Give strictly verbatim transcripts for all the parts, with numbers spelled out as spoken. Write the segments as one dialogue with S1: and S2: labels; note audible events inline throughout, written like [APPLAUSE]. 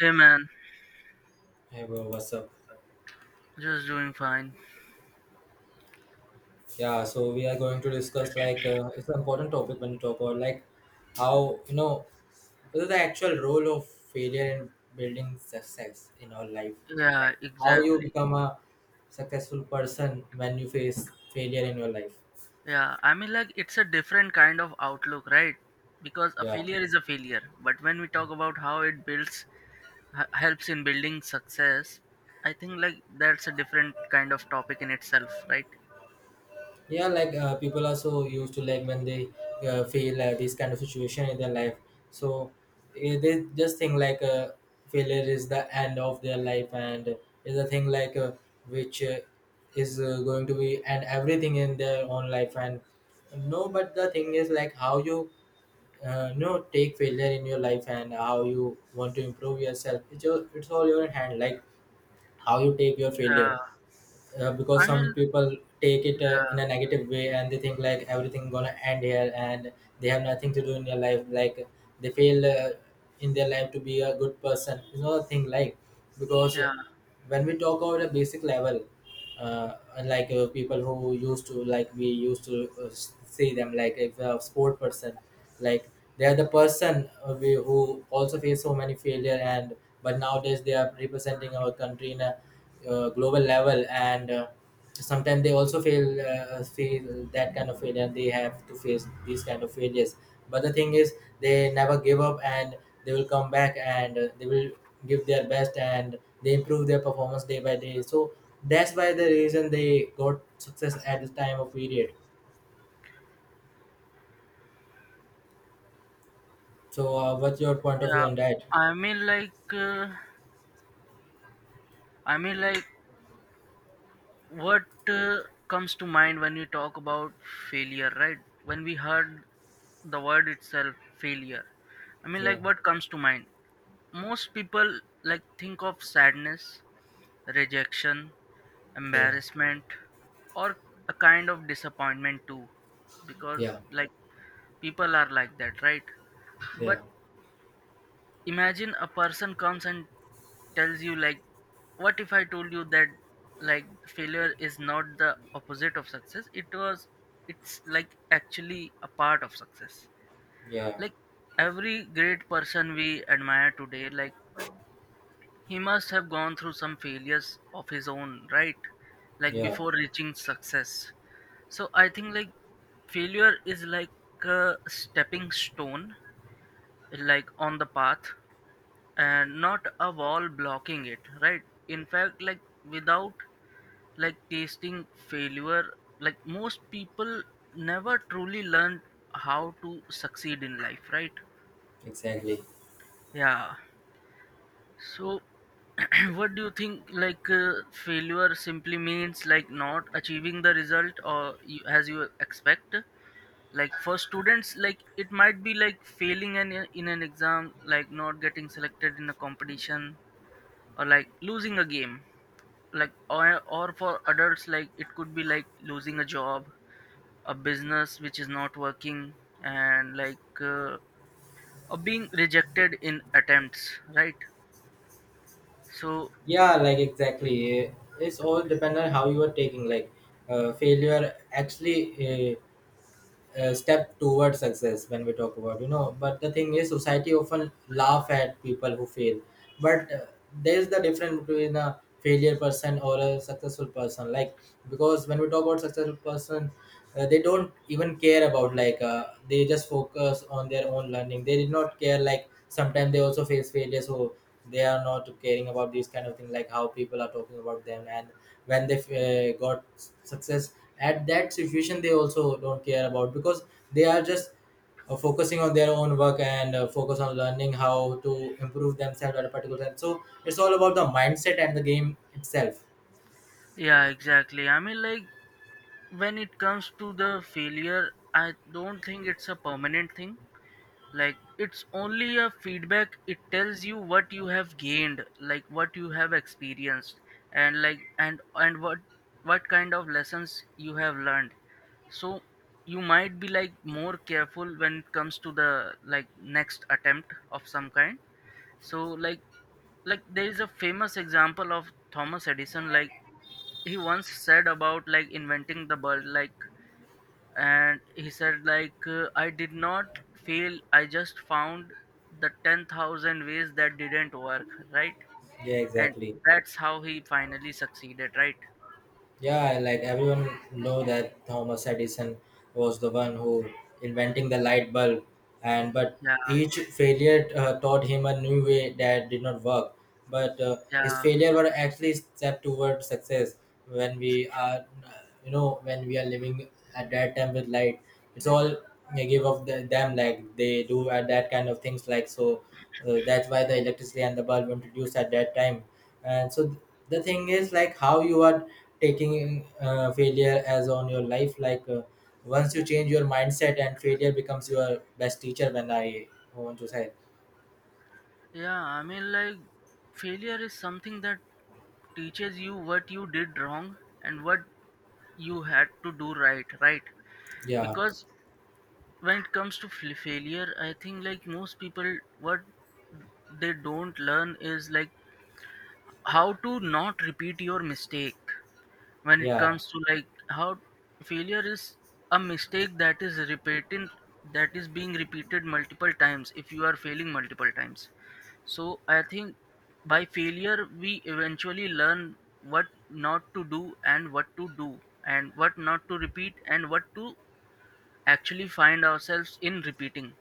S1: Hey man,
S2: Hey bro, what's up?
S1: just doing fine.
S2: Yeah, so we are going to discuss like uh, it's an important topic when you talk about like how you know what is the actual role of failure in building success in our life, like
S1: Yeah,
S2: how you
S1: exactly.
S2: become a successful person when you face failure in your life.
S1: Yeah, I mean, like, it's a different kind of outlook, right? Because a
S2: Yeah.
S1: failure is a failure. But when we talk about how it builds, h- helps in building success, I think, like, that's a different kind of topic in itself, right?
S2: Yeah like uh, people are so used to like when they uh, feel uh, this kind of situation in their life so eh, they just think like uh, failure is the end of their life and is a thing like uh, which uh, is uh, going to be and everything in their own life and no, but the thing is like how you uh, you know take failure in your life and how you want to improve yourself, it's, your, it's all your hand like how you take your failure.
S1: Uh,
S2: Uh, because
S1: I
S2: some
S1: mean,
S2: people take it uh, in a
S1: uh,
S2: negative way and they think like everything gonna end here and they have nothing to do in their life like they fail uh, in their life to be a good person. It's not a thing like because
S1: yeah,
S2: when we talk about a basic level uh, like uh, people who used to like we used to uh, s- see them like if a sport person, like they are the person uh, we, who also face so many failure, and but nowadays they are representing our country in a uh, global level and uh, sometimes they also feel uh, feel that kind of failure, they have to face these kind of failures. But the thing is they never give up, and they will come back and uh, they will give their best, and they improve their performance day by day. So that's why the reason they got success at the time of period. So uh, what's your point of view
S1: yeah.
S2: on that?
S1: I mean, like, uh, I mean, like, what uh, comes to mind when you talk about failure, right? When we heard the word itself, failure. I mean, like,
S2: Yeah,
S1: what comes to mind? Most people like think of sadness, rejection,
S2: yeah,
S1: embarrassment, or a kind of disappointment too, because
S2: yeah,
S1: like people are like that, right? But
S2: yeah,
S1: imagine a person comes and tells you like, what if I told you that like failure is not the opposite of success? It was, it's like actually a part of success.
S2: yeah,
S1: Like every great person we admire today, like he must have gone through some failures of his own, right? Like
S2: yeah,
S1: before reaching success. So I think like failure is like a stepping stone, like on the path, and not a wall blocking it, right? In fact, like without like tasting failure, like most people never truly learn how to succeed in life, right?
S2: exactly.
S1: Yeah. So, [CLEARS THROAT] what do you think? Like, uh, failure simply means like not achieving the result or you, as you expect. Like for students, like it might be like failing in, a- in an exam, like not getting selected in a competition, or like losing a game. Like or or for adults, like it could be like losing a job, a business which is not working, and like uh, or being rejected in attempts, right? So
S2: Yeah, like, exactly. eh, It's all dependent on how you are taking. Like, uh, failure actually uh, uh, step towards success when we talk about, you know. But the thing is society often laugh at people who fail, but uh, there's the difference between a failure person or a successful person, like because when we talk about successful person, uh, they don't even care about like uh, they just focus on their own learning. They did not care, like sometimes they also face failure, so they are not caring about these kind of thing like how people are talking about them. And when they uh, got success at that situation, they also don't care about because they are just uh, focusing on their own work and uh, focus on learning how to improve themselves at a particular time. So it's all about the mindset and the game itself.
S1: yeah, exactly. I mean, like, when it comes to the failure, I don't think it's a permanent thing. Like it's only a feedback. It tells you what you have gained, like what you have experienced, and like and and what what kind of lessons you have learned. So you might be like more careful when it comes to the like next attempt of some kind. So like like there is a famous example of Thomas Edison. Like he once said about like inventing the bulb, like, and he said like, uh, I did not fail, I just found the ten thousand ways that didn't work, right?
S2: Yeah,
S1: And
S2: exactly.
S1: that's how he finally succeeded, right?
S2: Yeah, like everyone know that Thomas Edison was the one who inventing the light bulb, and but
S1: Yeah,
S2: each failure uh, taught him a new way that did not work. But uh, his
S1: yeah,
S2: failure were actually step toward success. When we are, uh, you know, when we are living at that time with light, it's all they give of the, them like they do at that kind of things like. So uh, that's why the electricity and the bulb introduced at that time. And so th- the thing is like how you are taking uh, failure as on your life like uh, once you change your mindset and failure becomes your best teacher, when I want to say.
S1: yeah, I mean, like, failure is something that teaches you what you did wrong and what you had to do right, right?
S2: Yeah.
S1: Because when it comes to fl- failure, I think like most people what they don't learn is like how to not repeat your mistake. When it
S2: Yeah,
S1: comes to like how failure is a mistake that is repeating, that is being repeated multiple times, if you are failing multiple times. So I think by failure we eventually learn what not to do and what to do and what not to repeat and what to actually find ourselves in repeating.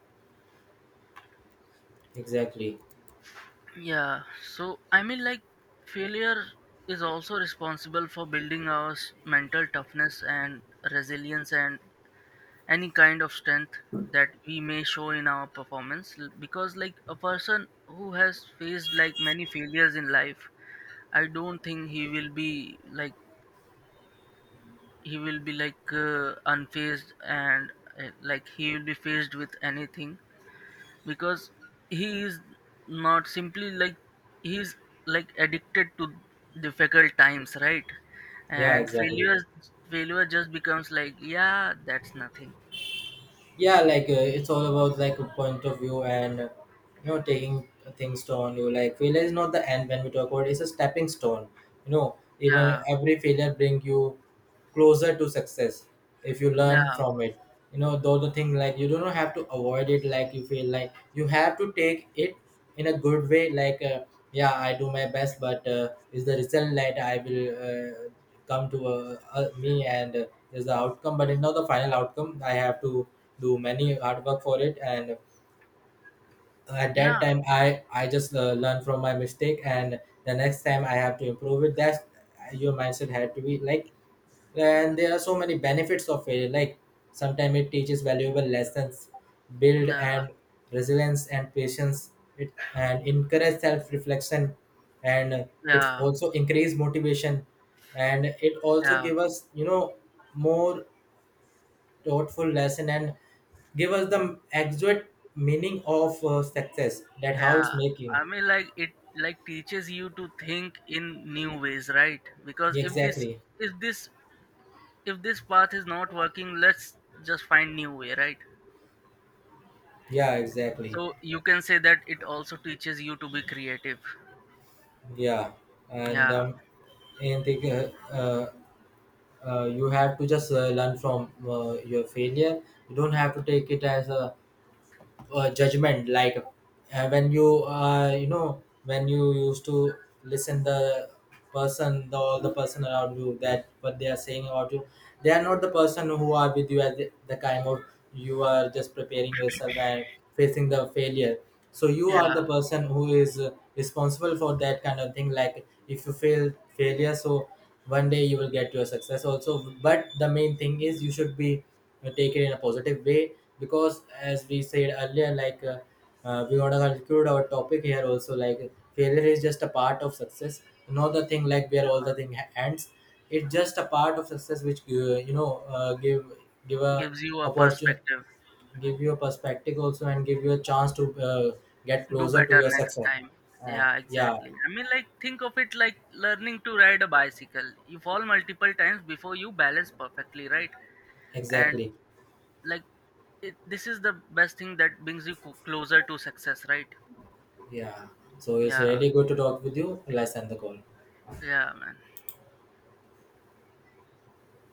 S2: exactly.
S1: Yeah, so I mean, like, failure is also responsible for building our s- mental toughness and resilience and any kind of strength that we may show in our performance. L- Because, like, a person who has faced like many failures in life, I don't think he will be like, he will be like uh, unfazed and uh, like he will be faced with anything, because he is not simply like, he's like addicted to difficult times, right?
S2: Yeah,
S1: And
S2: exactly.
S1: failures, failure just becomes like, yeah, that's nothing.
S2: Yeah like uh, it's all about like a point of view and uh, you know taking things on you, like failure is not the end. When we talk about it, it's a stepping stone, you know. Even
S1: Yeah,
S2: every failure bring you closer to success if you learn
S1: yeah,
S2: from it, you know. Though the thing like you do not have to avoid it, like you feel like you have to take it in a good way. Like uh, yeah, I do my best, but uh, is the result that I will uh, come to uh, uh, me and uh, is the outcome, but it's not the final outcome. I have to do many hard work for it, and at that
S1: yeah,
S2: time i i just uh, learn from my mistake, and the next time I have to improve it. That's your mindset had to be like. And there are so many benefits of failure, like sometimes it teaches valuable lessons, build
S1: yeah,
S2: and resilience and patience, it and encourage self-reflection, and it's
S1: yeah,
S2: also increase motivation, and it also
S1: yeah,
S2: give us, you know, more thoughtful lesson, and give us the exact meaning of uh, success, that how
S1: yeah,
S2: it's making.
S1: I mean, like, it like teaches you to think in new ways, right? Because if this,
S2: Exactly.
S1: if this if this path is not working, let's just find new way, right?
S2: Yeah, exactly.
S1: So you can say that it also teaches you to be creative.
S2: Yeah. and
S1: Yeah,
S2: um and the uh, uh, uh, you have to just uh, learn from uh, your failure. You don't have to take it as a uh, judgment like uh, when you uh, you know when you used to listen the person, the all the person around you, that what they are saying about you, they are not the person who are with you at the, the time of you are just preparing yourself and facing the failure. So you are
S1: yeah,
S2: the person who is uh, responsible for that kind of thing, like if you fail failure. So one day you will get your success also, but the main thing is you should be uh, take it in a positive way. Because as we said earlier, like uh, uh, we want to conclude our topic here also, like failure is just a part of success, not the thing like where all
S1: yeah.
S2: the thing ha- ends. It's just a part of success, which uh, you know uh, give give a
S1: Gives you a
S2: opportunity,
S1: perspective.
S2: give you a perspective also, and give you a chance to uh, get
S1: Do
S2: closer to
S1: better
S2: your
S1: next
S2: success.
S1: time.
S2: uh,
S1: Yeah,
S2: yeah,
S1: exactly. I mean, like, think of it like learning to ride a bicycle. You fall multiple times before you balance perfectly, right? And,
S2: exactly.
S1: like, it, this is the best thing that brings you co- closer to success, right?
S2: Yeah. So it's
S1: Yeah,
S2: really good to talk with you. Let's end the call.
S1: yeah, man.